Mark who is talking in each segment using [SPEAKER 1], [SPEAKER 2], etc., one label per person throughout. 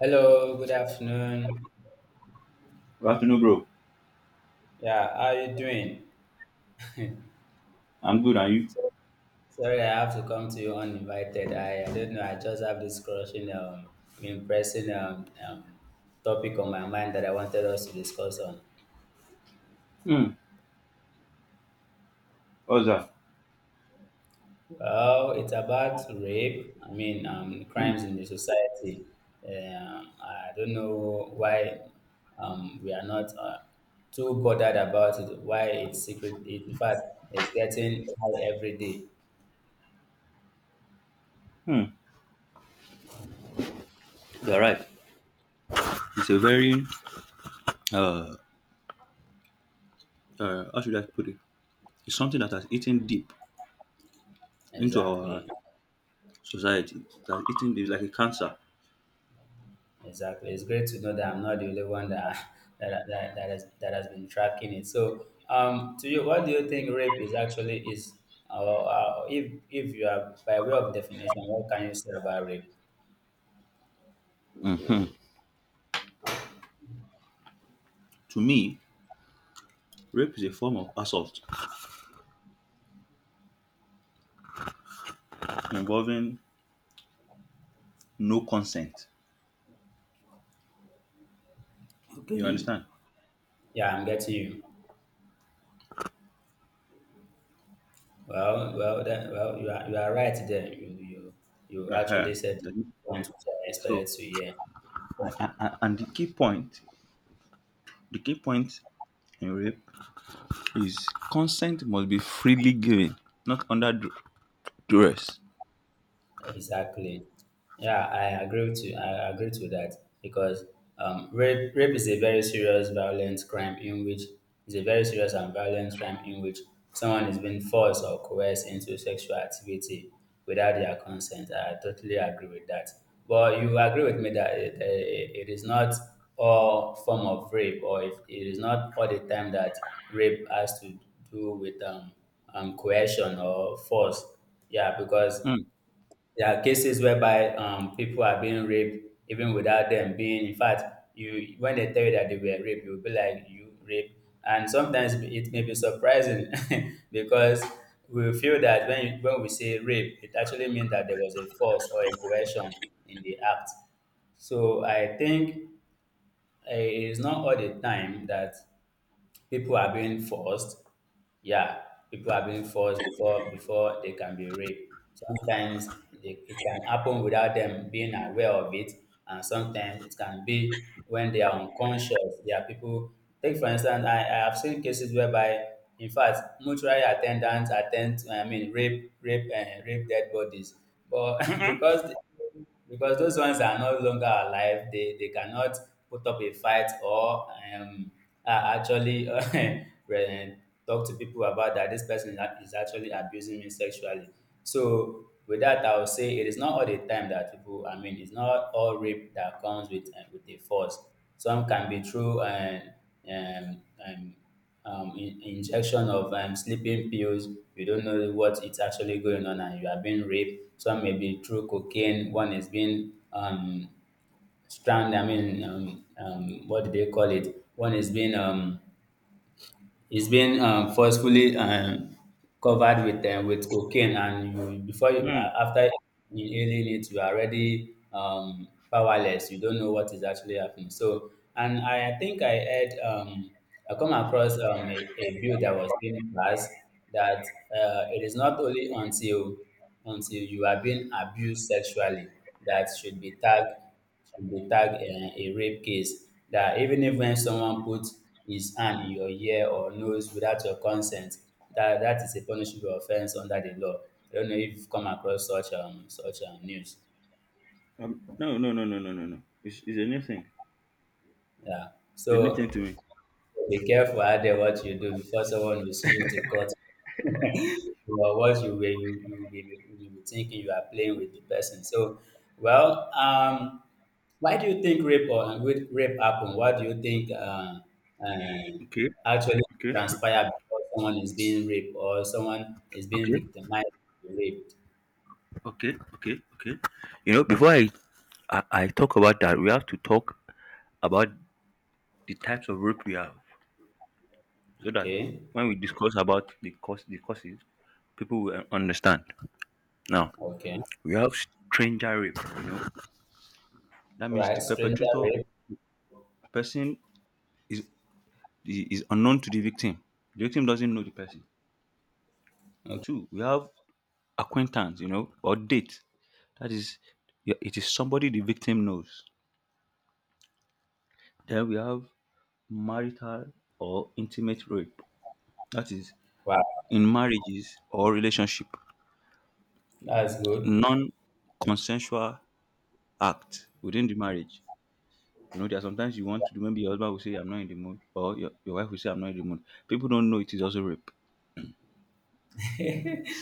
[SPEAKER 1] Hello, good afternoon.
[SPEAKER 2] Good afternoon, bro.
[SPEAKER 1] Yeah, how are you doing?
[SPEAKER 2] I'm good, and you?
[SPEAKER 1] So- Sorry, I have to come to you uninvited. I don't know. I just have this crushing, impressing topic on my mind that I wanted us to discuss on.
[SPEAKER 2] Hmm. What's that?
[SPEAKER 1] Well, it's about rape. I mean,
[SPEAKER 2] Hmm.
[SPEAKER 1] crimes in the society. I don't know why we are not too bothered about it. Why it's secret? It, in fact, it's getting high every day.
[SPEAKER 2] Hmm. You're right. It's a very uh, how should I put it? It's something that has eaten deep into our
[SPEAKER 1] Exactly.
[SPEAKER 2] society. That has eaten deep like a cancer.
[SPEAKER 1] Exactly. It's great to know that I'm not the only one that that has been tracking it. So, to you, what do you think rape is actually is? Or if you are by way of definition, what can you say about rape?
[SPEAKER 2] To me, rape is a form of assault involving no consent. You
[SPEAKER 1] Okay.
[SPEAKER 2] understand?
[SPEAKER 1] Yeah, I'm getting you. Well, you are right there. You
[SPEAKER 2] Uh-huh.
[SPEAKER 1] actually said what I expected
[SPEAKER 2] So,
[SPEAKER 1] to hear.
[SPEAKER 2] and the key point in rape is consent must be freely given, not under duress.
[SPEAKER 1] Exactly. Yeah, I agree with you. I agree to that because rape is a very serious violent crime in which is a very serious and violent crime in which someone is being forced or coerced into sexual activity without their consent. I totally agree with that. But you agree with me that it, eh, it is not all form of rape, or if it is not all the time that rape has to do with coercion or force. Yeah, because
[SPEAKER 2] Hmm.
[SPEAKER 1] there are cases whereby people are being raped even without them being. In fact, you when they tell you that they were raped, you'll be like, "You raped." And sometimes it may be surprising because we feel that when we say rape, it actually means that there was a force or a coercion in the act. So I think eh, it's not all the time that people are being forced, yeah, people are being forced before they can be raped. Sometimes it can happen without them being aware of it, and sometimes it can be when they are unconscious. There are people, take for instance, I have seen cases whereby, in fact, mortuary attendants attend I mean rape rape and rape dead bodies, but
[SPEAKER 2] Mm-mm.
[SPEAKER 1] because those ones are no longer alive. They cannot put up a fight or um, are actually re- talk to people about that this person is is actually abusing me sexually. So with that, I would say it is not all the time that people. I mean, it's not all rape that comes with a force. Some can be through um, um, injection of sleeping pills. You don't know what it's actually going on, and you are being raped. Some may be through cocaine. One is being strand. I mean, what do they call it? One is being forcefully covered with cocaine, and you before you after inhaling it, you are already powerless. You don't know what is actually happening. So, and I think I heard I come across a bill that was being passed that it is not only until you are being abused sexually that should be tagged a rape case, that even if when someone puts his hand in your ear or nose without your consent, that is a punishable offense under the law. I don't know if you've come across such news.
[SPEAKER 2] No, no, no, no, no, no, no. It's a new thing.
[SPEAKER 1] Yeah.
[SPEAKER 2] It's a new thing to
[SPEAKER 1] So
[SPEAKER 2] me.
[SPEAKER 1] be careful out there what you do before someone will see you to court, or what you will you will be thinking you are playing with the person. So, well, why do you think rape or with rape happen? What do you think uh,
[SPEAKER 2] Okay,
[SPEAKER 1] actually
[SPEAKER 2] okay,
[SPEAKER 1] transpire before someone is being raped or someone is being
[SPEAKER 2] okay,
[SPEAKER 1] victimized, to be raped?
[SPEAKER 2] okay, okay, okay. You know, before I talk about that, we have to talk about the types of rope we have, so that
[SPEAKER 1] Okay,
[SPEAKER 2] when we discuss about the courses, people will understand. Now
[SPEAKER 1] okay,
[SPEAKER 2] we have stranger rape. You know, that means the
[SPEAKER 1] right. Stranger
[SPEAKER 2] perpetrator,
[SPEAKER 1] rape.
[SPEAKER 2] the person is is unknown to the victim. The victim doesn't know the person.
[SPEAKER 1] Okay.
[SPEAKER 2] Two, we have acquaintance. You know, or date. That is, yeah, it is somebody the victim knows. Then we have marital or intimate rape. That is,
[SPEAKER 1] Wow,
[SPEAKER 2] in marriages or relationship,
[SPEAKER 1] that's good.
[SPEAKER 2] non-consensual act within the marriage. You know, there are sometimes you want to do. Maybe your husband will say, "I'm not in the mood," or your wife will say, "I'm not in the mood." People don't know it is also rape.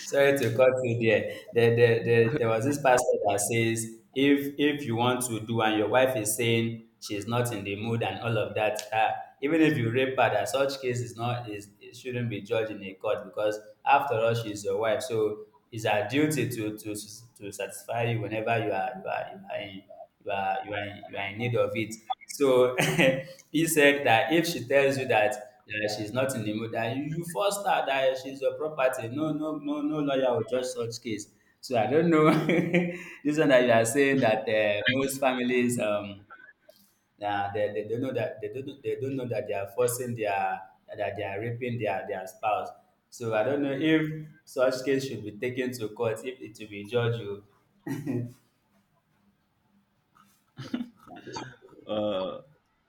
[SPEAKER 1] Sorry to cut you there. There. There was this pastor that says, if you want to do and your wife is saying she's not in the mood and all of that, even if you rape her, that such case is not is it shouldn't be judged in a court because after all she's your wife, so it's her duty to satisfy you whenever you are in need of it. So he said that if she tells you that, that she's not in the mood, that you force her, that she's your property. No, no, no, no lawyer will judge such case. So I don't know. This one that you are saying that most families they don't know that they don't know that they are forcing their, that they are raping their spouse. So I don't know if such case should be taken to court, if it will be judged. You
[SPEAKER 2] Uh,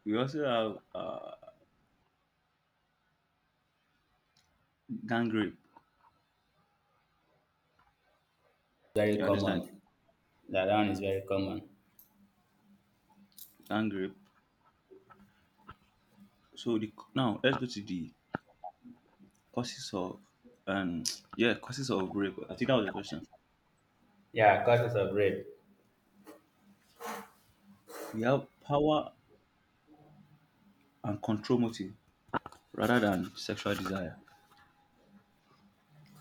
[SPEAKER 2] we also have gang rape.
[SPEAKER 1] very
[SPEAKER 2] You understand
[SPEAKER 1] common. That one is very common.
[SPEAKER 2] gang rape. So the now let's go to the causes of um yeah, causes of rape. I think that was the question.
[SPEAKER 1] Yeah, causes of rape,
[SPEAKER 2] We have power and control motive rather than sexual desire.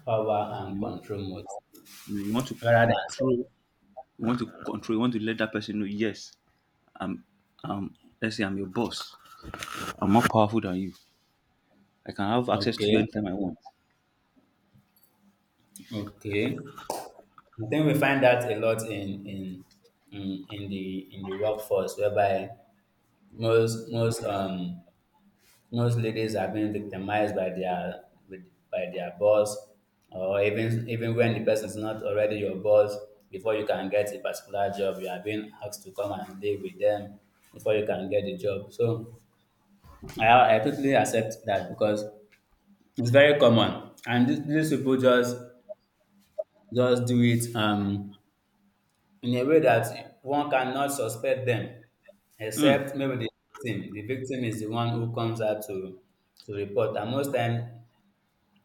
[SPEAKER 1] power and
[SPEAKER 2] You,
[SPEAKER 1] control mode,
[SPEAKER 2] you know, you want to
[SPEAKER 1] rather than
[SPEAKER 2] control, you want to let that person know, yes, I'm um let's say I'm your boss. I'm more powerful than you. I can
[SPEAKER 1] selling.
[SPEAKER 2] have access to
[SPEAKER 1] Okay,
[SPEAKER 2] you anytime I want.
[SPEAKER 1] okay. I think we find that a lot in the in the workforce, whereby most most um most ladies are being victimized by their boss, or even when the person is not already your boss. Before you can get a particular job, you are being asked to come and live with them before you can get the job. So I totally accept that because it's very common, and these people just do it in a way that one cannot suspect them,
[SPEAKER 2] Hmm.
[SPEAKER 1] except maybe the victim, the victim is the one who comes out to report, and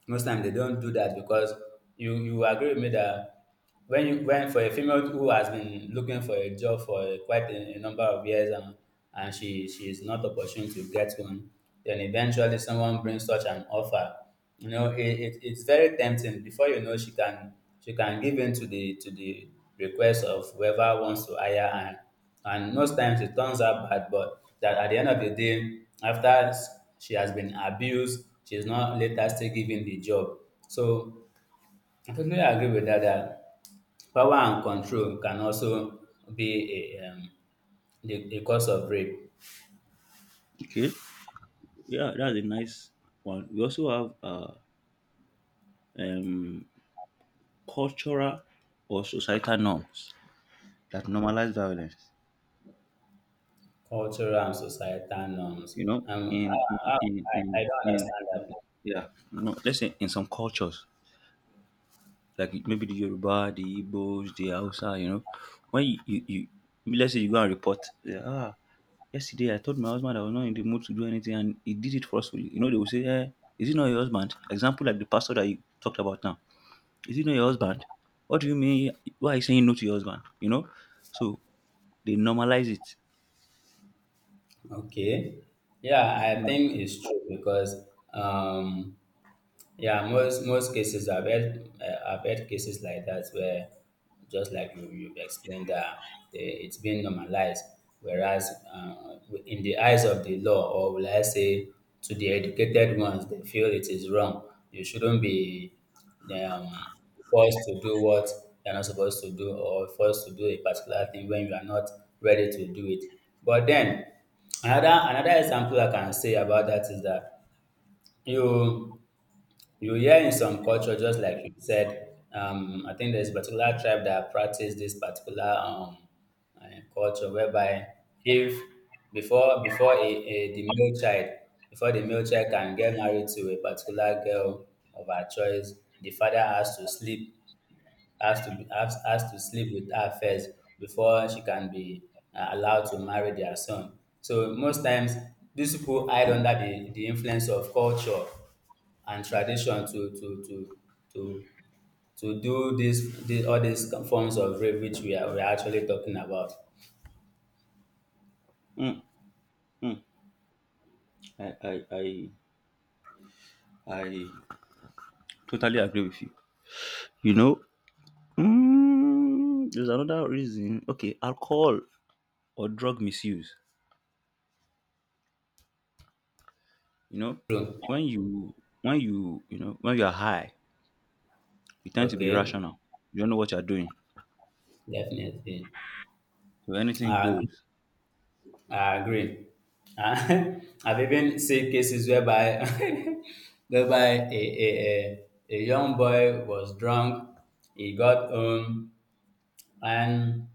[SPEAKER 1] most times they don't do that because you agree with me that when you when for a female who has been looking for a job for a number of years and she is not opportune to get one, then eventually someone brings such an offer, you know, it's very tempting. Before you know, she can give in to the request of whoever wants to hire her, and most times it turns out bad. But that at the end of the day, after she has been abused, she's not later still given the job. So I totally agree with that, that power and control can also be a the cause of rape.
[SPEAKER 2] Okay. Yeah, that's a nice one. We also have um cultural or societal norms that normalize violence.
[SPEAKER 1] Cultural and societal norms,
[SPEAKER 2] You know,
[SPEAKER 1] um
[SPEAKER 2] in in
[SPEAKER 1] i,
[SPEAKER 2] in,
[SPEAKER 1] I, I
[SPEAKER 2] in,
[SPEAKER 1] don't
[SPEAKER 2] in
[SPEAKER 1] understand that.
[SPEAKER 2] yeah, you know, let's say in some cultures like maybe the Yoruba, the Igbos, the Hausa. You know, when you let's say you go and report, yeah. Ah, yesterday I told my husband I was not in the mood to do anything and he did it forcefully. You know, they will say, eh, is it not your husband? Example, like the pastor that you talked about now, is it not your husband? What do you mean, why are you saying no to your husband? You know, so they normalize it.
[SPEAKER 1] Okay, yeah, I
[SPEAKER 2] Yeah.
[SPEAKER 1] think it's true because um yeah, most cases I've had, I've had cases like that where, just like you've explained, that the, it's been normalized, whereas in the eyes of the law, or will I say, to the educated ones, they feel it is wrong. You shouldn't be um, forced to do what you're not supposed to do, or forced to do a particular thing when you are not ready to do it. But then, another example I can say about that is that you you hear in some culture, just like you said, I think there's a particular tribe that practice this particular uh, culture whereby if before the male child, before the male child can get married to a particular girl of her choice, the father has to sleep, has to sleep with her first before she can be allowed to marry their son. So most times these people hide under the influence of culture and tradition to to do this all these forms of rape which we are, we are actually talking about.
[SPEAKER 2] mm, mm. I, I i I totally agree with you. You know, mm, there's another reason. Okay, alcohol or drug misuse. You know,
[SPEAKER 1] True.
[SPEAKER 2] when you when you know when you're high, you tend to be
[SPEAKER 1] Okay.
[SPEAKER 2] irrational. You don't know what you're doing,
[SPEAKER 1] Definitely.
[SPEAKER 2] so anything
[SPEAKER 1] Uh,
[SPEAKER 2] goes.
[SPEAKER 1] I agree. Uh, I've even seen cases whereby whereby a young boy was drunk, he got home, and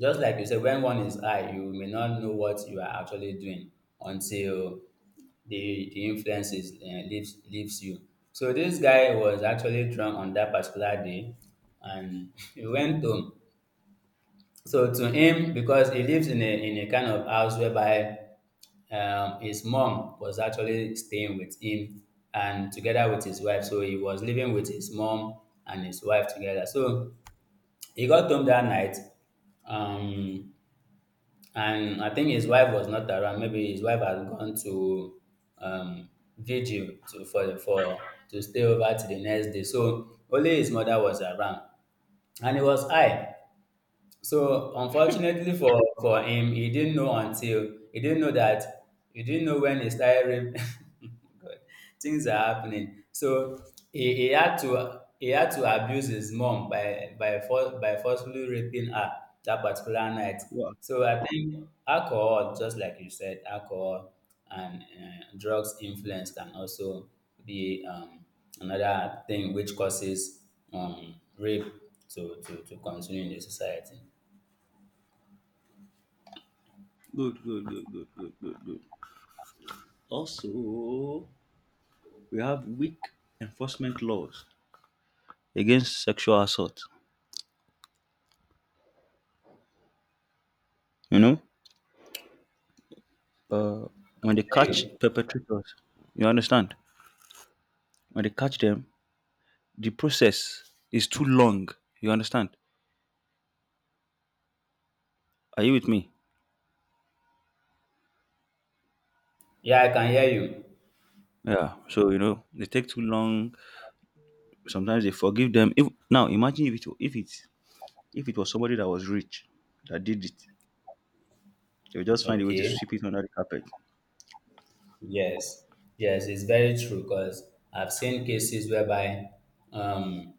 [SPEAKER 1] just like you said, when one is high, you may not know what you are actually doing until the influence is, leaves you. So this guy was actually drunk on that particular day, and he went home. So to him, because he lives in a kind of house whereby his mom was actually staying with him and together with his wife. So he was living with his mom and his wife together. So he got home that night, um, and I think his wife was not around. Maybe his wife had gone to um, vigil to for to stay over to the next day. So only his mother was around, and he was high. So unfortunately for him, he didn't know when he started rape. God, things are happening. So he had to abuse his mom by forcefully raping her that particular night.
[SPEAKER 2] Wow,
[SPEAKER 1] So I think alcohol, just like you said, alcohol and drugs influence can also be another thing which causes rape to continue in the society.
[SPEAKER 2] good, good, good, good, good, good, good. Also, we have weak enforcement laws against sexual assault. You know, uh, when they catch perpetrators, you understand. When they catch them, the process is too long. You understand? Are you with me?
[SPEAKER 1] Yeah, I can hear you.
[SPEAKER 2] Yeah. So you know they take too long. Sometimes they forgive them. If now imagine if it was somebody that was rich that did it, they would just find a way to
[SPEAKER 1] Okay.
[SPEAKER 2] sweep it under the carpet,
[SPEAKER 1] Yes. Yes, it's very true because I've seen cases whereby, um,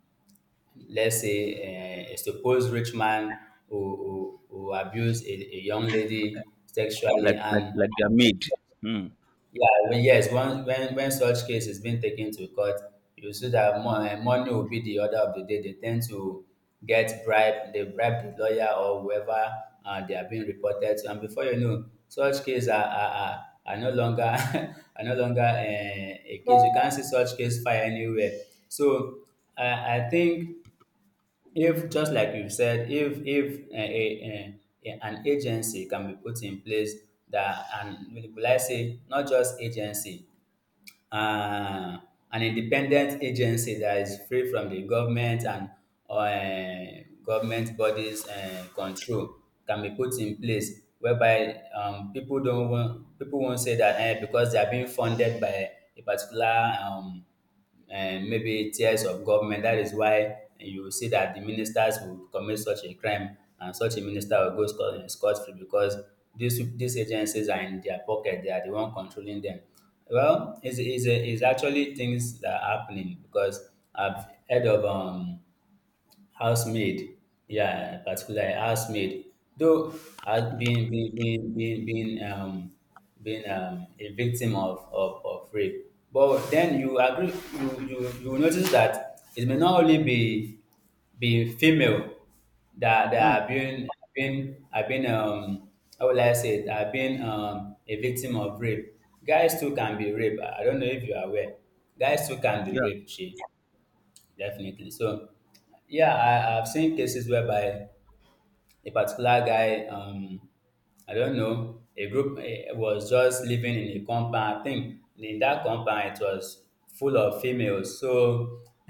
[SPEAKER 1] let's say, a supposed rich man who abused a young lady sexually, and
[SPEAKER 2] like they're made. Hmm.
[SPEAKER 1] yeah, when yes, when such case is being taken to court, you see that money will be the order of the day. They tend to get bribe, they bribe the lawyer or whoever they are being reported to, and before you know, such cases are no longer are no longer a case. You can't see such case fire anywhere. So I think if just like you said, if an agency can be put in place that, and will I say not just agency, uh, an independent agency that is free from the government and government bodies control can be put in place whereby people don't want, people won't say that eh, because they are being funded by a particular and maybe tears of government. That is why you will see that the ministers will commit such a crime and such a minister will go scot free because these agencies are in their pocket. They are the one controlling them. Well, it's actually things that are happening because I've heard of housemaid. Yeah, particularly housemaid. Though I've been a victim of rape. But then you agree you will notice that it may not only be female that that
[SPEAKER 2] Hmm.
[SPEAKER 1] have been have been have been how will I say it have been a victim of rape. Guys too can be raped. I don't know if you are aware. Guys too can be
[SPEAKER 2] Yeah.
[SPEAKER 1] raped, she. Definitely. So, yeah, I've seen cases whereby a particular guy, I don't know, a group eh, was just living in a compound. I think in that compound it was full of females. So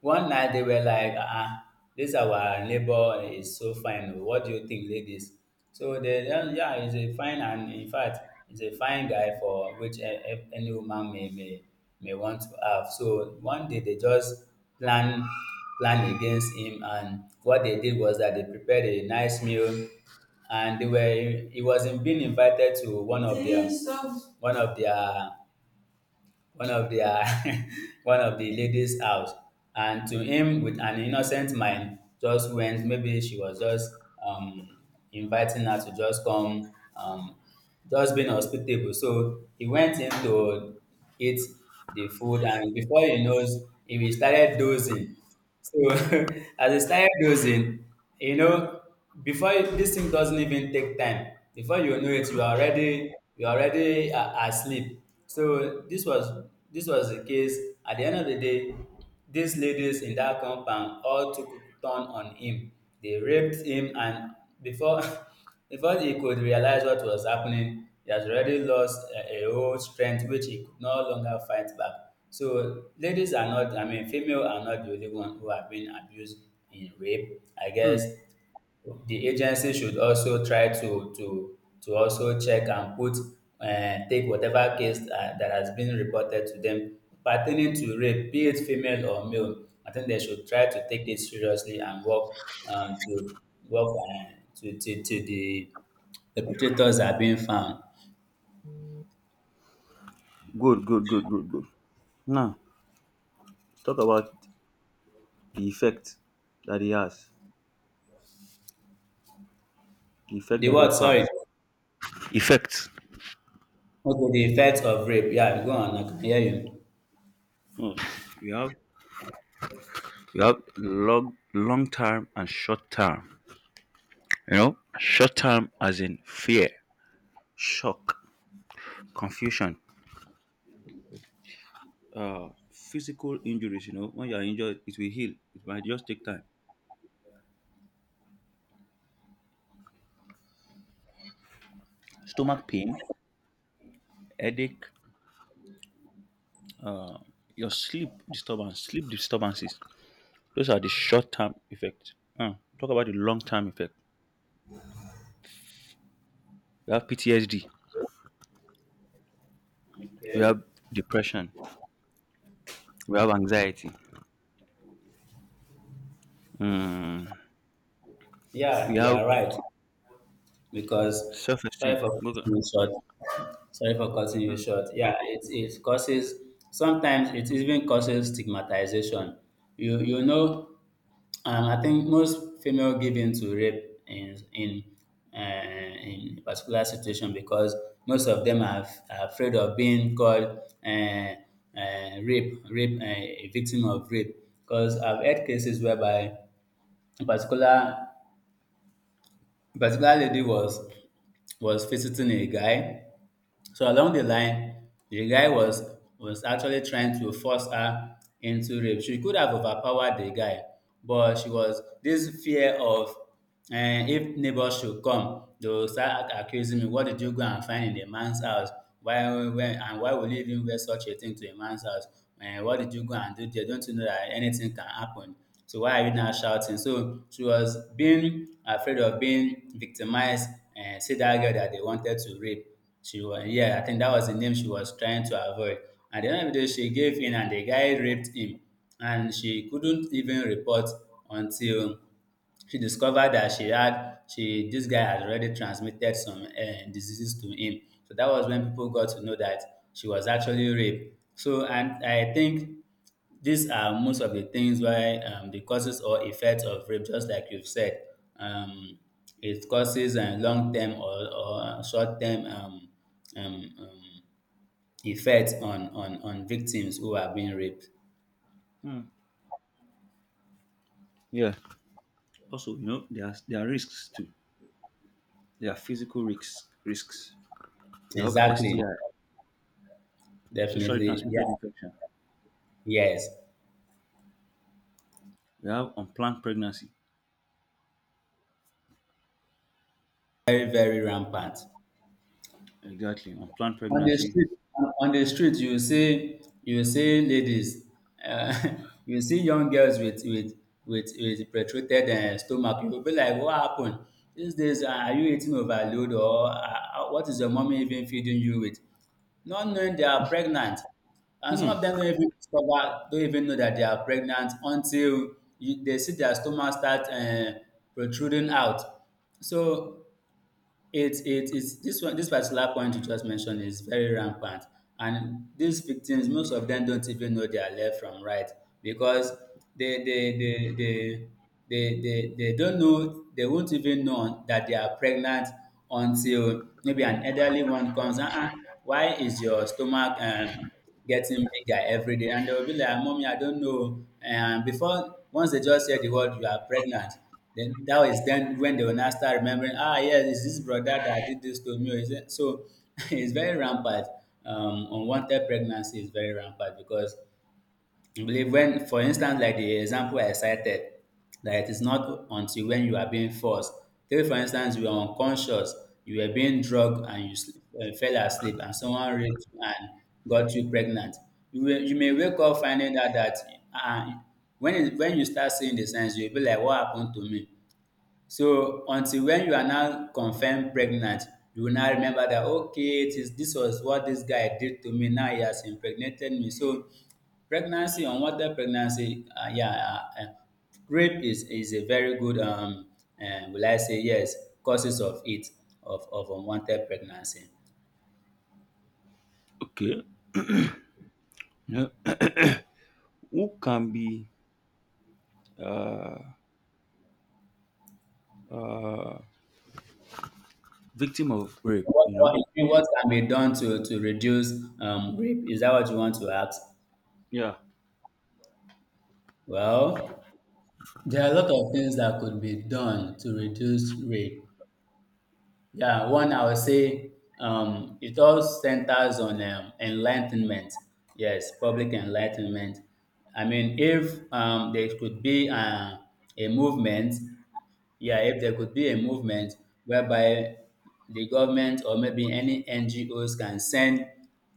[SPEAKER 1] one night they were like, ah, ah, this our neighbor is so fine. Oh. What do you think, ladies? So the yeah, yeah he's a fine and in fact, he's a fine guy for which any woman may want to have. So one day they just plan plan against him, and what they did was that they prepared a nice meal, and they were he was being invited to one of their one of their one of dia one of di ladies' house, and to him wit an innocent mind, just went. Maybe she was just um inviting her to just come, just being hospitable, so he went in to eat the food, and before he knows, he started dozing. So as I started dozing, you know, before you— this thing doesn't even take time. Before you know it, you are already asleep. So this was the case. At the end of the day, these ladies in that compound all took turn on him. They raped him, and before before he could realize what was happening, he has already lost a whole strength which he could no longer fight back. So ladies are not, I mean, female are not the only one who have been abused in rape. I
[SPEAKER 2] Hmm.
[SPEAKER 1] guess the agency should also try to also check and put take whatever case that has been reported to them pertaining to rape, be it female or male. I think they should try to take it seriously and work uh, to work uh, to the perpetrators are being found.
[SPEAKER 2] Good. Good. Good. Good. Good. Now let's talk about the effect that he has. The effect
[SPEAKER 1] The
[SPEAKER 2] that
[SPEAKER 1] what?
[SPEAKER 2] rape
[SPEAKER 1] Sorry.
[SPEAKER 2] has. Effect.
[SPEAKER 1] Okay, the effect of rape. Yeah, go on. I can hear you.
[SPEAKER 2] Hmm. We have long long term and short term. You know, short term as in fear, shock, confusion, physical injuries. You know, when you are injured, it will heal. It might just take time. Stomach pain, headache, sleep disturbances. Those are the short-term effects. Now, talk about the long-term effect. We have PTSD. We
[SPEAKER 1] Okay.
[SPEAKER 2] have depression. We have anxiety. Mm, we
[SPEAKER 1] Yeah, you
[SPEAKER 2] have
[SPEAKER 1] are right. Because
[SPEAKER 2] self-esteem.
[SPEAKER 1] sorry for
[SPEAKER 2] Look at-
[SPEAKER 1] cutting you short. Sorry for cutting you
[SPEAKER 2] Mhm.
[SPEAKER 1] short. Yeah, it causes sometimes it even causes stigmatization. You know, I think most female give in to rape in a particular situation because most of them are afraid of being called rape rape a victim of rape. Because I've had cases whereby a particular a particular lady was visiting a guy. So along the line, the guy was actually trying to force her into rape. She could have overpowered the guy, but she was this fear of eh, if neighbors should come, they will start accusing me. What did you go and find in a man's house? And why would you even wear such a thing to a man's house? Eh, what did you go and do there? Don't you know that anything can happen? So why are you now shouting? So she was being afraid of being victimized. And see that girl that they wanted to rape. She was yeah, I think that was the name she was trying to avoid. At the end of the day, she gave in and the guy raped him. And she couldn't even report until she discovered that she had she this guy had already transmitted some diseases to him. So that was when people got to know that she was actually raped. So and I think these are most of the things why the causes or effects of rape, just like you've said, um, it causes a long term or short term um, um, effect on victims who are being raped.
[SPEAKER 2] Mm. Yeah. Also, you know, there are risks too. There are physical risks. Risks. We have
[SPEAKER 1] Exactly,
[SPEAKER 2] STI, sexually
[SPEAKER 1] definitely,
[SPEAKER 2] transmitted
[SPEAKER 1] yeah,
[SPEAKER 2] infection.
[SPEAKER 1] yes,
[SPEAKER 2] We have unplanned pregnancy.
[SPEAKER 1] very, very rampant.
[SPEAKER 2] Exactly, unplanned
[SPEAKER 1] On the
[SPEAKER 2] pregnancy.
[SPEAKER 1] street, on the street you will see ladies uh, you will see young girls with protruded stomach. You will be like, what happened? These days, are you eating overload or what is your mommy even feeding you with? Not knowing they are pregnant, and some
[SPEAKER 2] Hmm.
[SPEAKER 1] of them don't even discover, don't even know that they are pregnant until they see their stomach start protruding out. So it's this one, this particular point you just mentioned, is very rampant. And these victims, most of them don't even know their left from right, because they they they they they don't know, they won't even know that they are pregnant until maybe an elderly one comes, uh-uh, why is your stomach getting bigger every day? And they will be like, mommy, I don't know. And before, once they just hear the word, you are pregnant, then that was then when they will now start remembering, ah, yes, it's this brother that did this to me. Or is it? So it's very rampant. Unwanted pregnancy is very rampant because I believe when, for instance, like the example I cited, that it is not until when you are being forced. Take for instance, you are unconscious, you were being drugged and you sleep, fell asleep, and someone raped you and got you pregnant. You will, you may wake up finding out that uh, when you start seeing the signs, you'll be like, "What happened to me?" So until when you are now confirmed pregnant, you will now remember that okay, it is this was what this guy did to me. Now he has impregnated me. So pregnancy, unwanted pregnancy, yeah, rape is a very good will I say yes, causes of it of unwanted pregnancy.
[SPEAKER 2] Okay. Yeah. Who can be uh, uh, victim of rape?
[SPEAKER 1] What,
[SPEAKER 2] You know.
[SPEAKER 1] what, what can be done to reduce rape? Is that what you want to ask?
[SPEAKER 2] Yeah.
[SPEAKER 1] Well. There are a lot of things that could be done to reduce rape. Yeah, one I would say it all centers on enlightenment. Yes, public enlightenment. I mean, if there could be a movement, yeah, if there could be a movement whereby the government or maybe any NGOs can send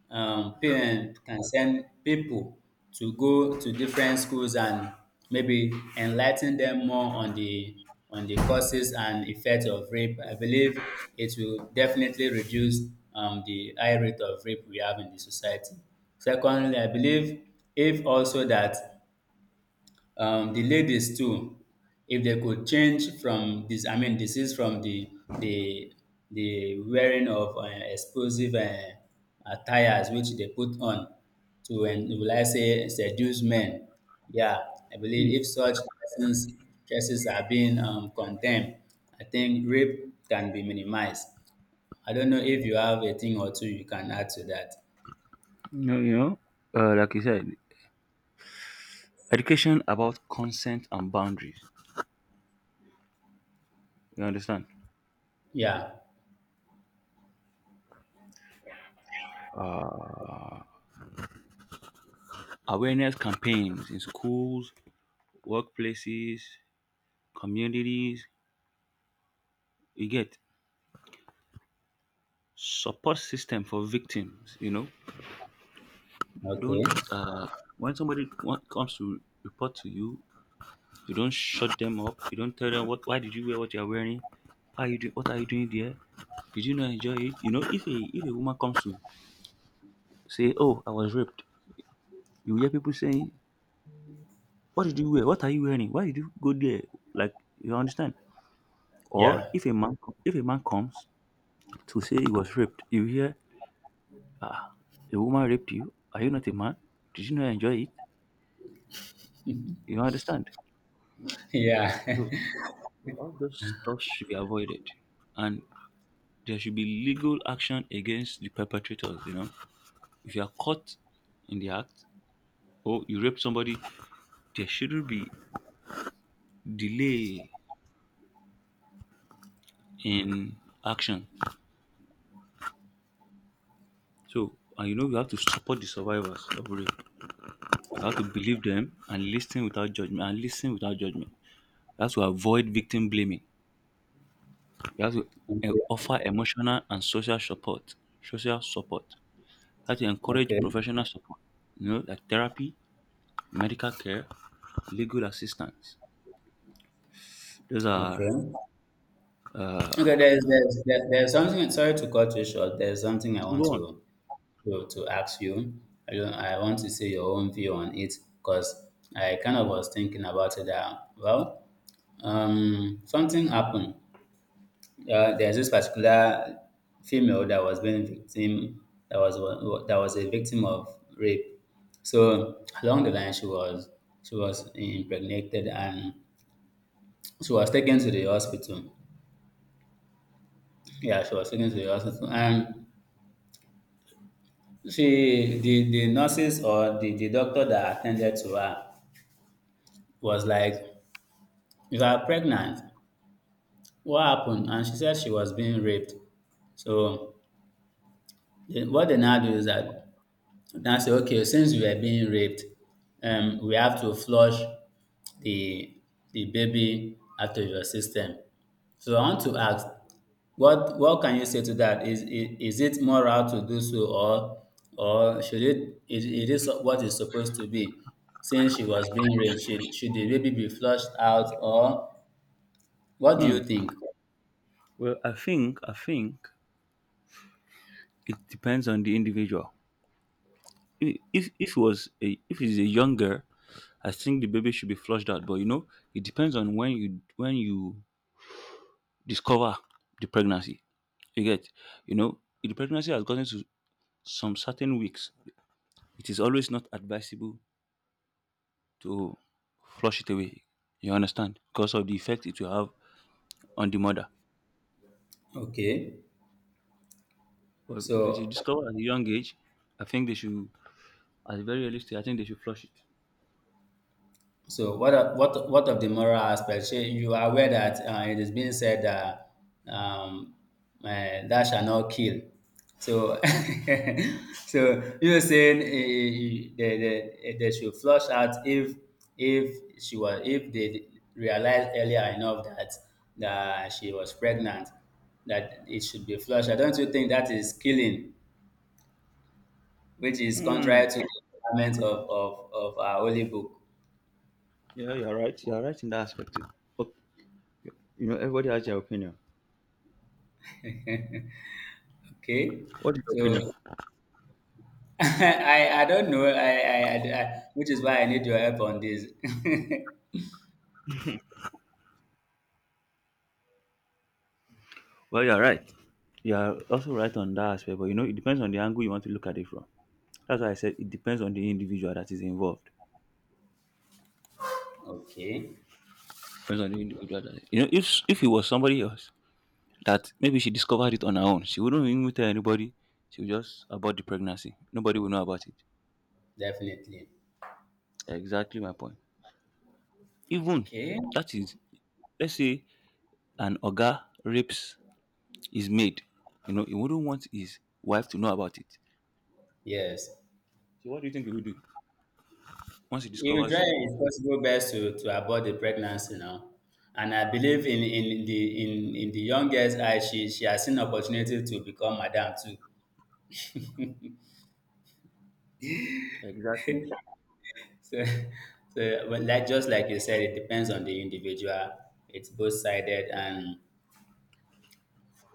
[SPEAKER 1] can send people to go to different schools and maybe enlighten them more on the causes and effects of rape. I believe it will definitely reduce the high rate of rape we have in the society. Secondly, I believe if also that the ladies too, if they could change from this, I mean, this is from the the wearing of explosive attires which they put on to, and will I say, seduce men. Yeah, I
[SPEAKER 2] Hmm.
[SPEAKER 1] believe if such persons cases are being condemned, I think rape can be minimized. I don't know if you have a thing or two you can add to that.
[SPEAKER 2] You know, you know like you said, education about consent and boundaries. You understand?
[SPEAKER 1] Yeah.
[SPEAKER 2] Uh, Awareness campaigns in schools, workplaces, communities. You get support system for victims. You know, don't
[SPEAKER 1] Okay.
[SPEAKER 2] uh when somebody comes to report to you, you don't shut them up. You don't tell them what, why did you wear what you're wearing, why are you doing, what are you doing there, did you not enjoy it. You know, if a woman comes to say, oh, I was raped, you hear people saying, what did you wear, what are you wearing, why did you go there, like, you understand? Or
[SPEAKER 1] Yeah.
[SPEAKER 2] if a if a man comes to say he was raped, you hear, ah, a woman raped you, are you not a man, did you not enjoy it, you understand?
[SPEAKER 1] Yeah.
[SPEAKER 2] All those stuff should be avoided, and there should be legal action against the perpetrators. You know, if you are caught in the act or you rape somebody, there shouldn't be delay in action. So, and you know, you have to support the survivors of rape. You have to believe them and listen without judgment, You have to avoid victim blaming. You have to
[SPEAKER 1] Okay.
[SPEAKER 2] offer emotional and social support. Social support. You have to encourage
[SPEAKER 1] Okay.
[SPEAKER 2] professional support. You know, like therapy, medical care, legal assistance. Those
[SPEAKER 1] Okay.
[SPEAKER 2] are uh,
[SPEAKER 1] Okay, there's something, sorry to cut you short. There's something I want
[SPEAKER 2] go on.
[SPEAKER 1] to to ask you. I don't I want to see your own view on it because I kind of was thinking about it that well, something happened. There's this particular female that was being victim that was wa- that was a victim of rape. So along the line she was impregnated and she was taken to the hospital. Yeah, she was taken to the hospital. And the nurses or the doctor that attended to her was like, you are pregnant. What happened? And she said she was being raped. So, the- what they now do is that, so now say, okay, since we are being raped, we have to flush the baby out of your system. So I want to ask, what can you say to that? Is it moral to do so, or should it, is what it's supposed to be? Since she was being raped, should the baby be flushed out, or what do
[SPEAKER 2] Hmm.
[SPEAKER 1] you think?
[SPEAKER 2] Well, I think it depends on the individual. If it was a, if it's a young girl, I think the baby should be flushed out. But you know, it depends on when you discover the pregnancy. You get, you know, if the pregnancy has gotten to some certain weeks, it is always not advisable to flush it away. You understand? Because of the effect it will have on the mother.
[SPEAKER 1] Okay,
[SPEAKER 2] But if it is
[SPEAKER 1] so
[SPEAKER 2] discovered at a young age, I think they should, at a very early stage, I think they should flush it.
[SPEAKER 1] so what of, what of the moral aspect? Shey you are aware that it is being said that um, thou shall not kill. So so you were saying they should flush out if she was if they realized earlier enough that she was pregnant, that it should be flushed. I don't You think that is killing, which is
[SPEAKER 2] Hmm.
[SPEAKER 1] contrary to the requirements of our holy book.
[SPEAKER 2] Yeah, you're right. You're right in that aspect. Too. But, you know, everybody has their opinion.
[SPEAKER 1] Okay?
[SPEAKER 2] What is your
[SPEAKER 1] So
[SPEAKER 2] opinion?
[SPEAKER 1] I don't know. Which is why I need your help on this.
[SPEAKER 2] Well, you're right. You're also right on that aspect. But, you know, it depends on the angle you want to look at it from. That's why I said it depends on the individual that is involved.
[SPEAKER 1] Okay,
[SPEAKER 2] Depends on the individual that, you know, if it was somebody else that maybe she discovered it on her own, she wouldn't even tell anybody. She would just abort the pregnancy. Nobody would know about it.
[SPEAKER 1] definitely.
[SPEAKER 2] Exactly my point. Even
[SPEAKER 1] Okay.
[SPEAKER 2] that is, let's say an oga rapes his maid. You know, he wouldn't want his wife to know about it,
[SPEAKER 1] Yes.
[SPEAKER 2] so what do you think he will do once he
[SPEAKER 1] If you try,
[SPEAKER 2] discovers?
[SPEAKER 1] it's possible best to abort the pregnancy now. And I believe in the young girl's eye, she has seen opportunity to become madam too.
[SPEAKER 2] Exactly.
[SPEAKER 1] So but like just like you said, it depends on the individual. It's both sided and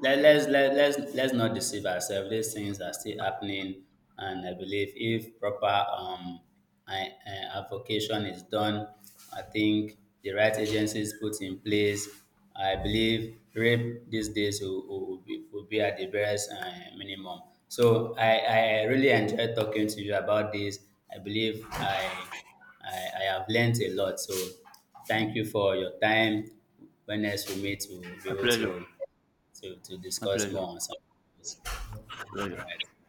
[SPEAKER 1] let's not deceive ourselves, these things are still happening, and I believe if proper I, avocation is done, I think the right agencies put in place, I believe rape these days will be at the barest minimum. So I really enjoyed talking to you about this. I believe I have learnt a lot, so thank you for your time. When else we meet, we'll be
[SPEAKER 2] My
[SPEAKER 1] able
[SPEAKER 2] pleasure.
[SPEAKER 1] to to
[SPEAKER 2] My
[SPEAKER 1] discuss
[SPEAKER 2] pleasure.
[SPEAKER 1] more on some of this. All
[SPEAKER 2] Pleasure.
[SPEAKER 1] right.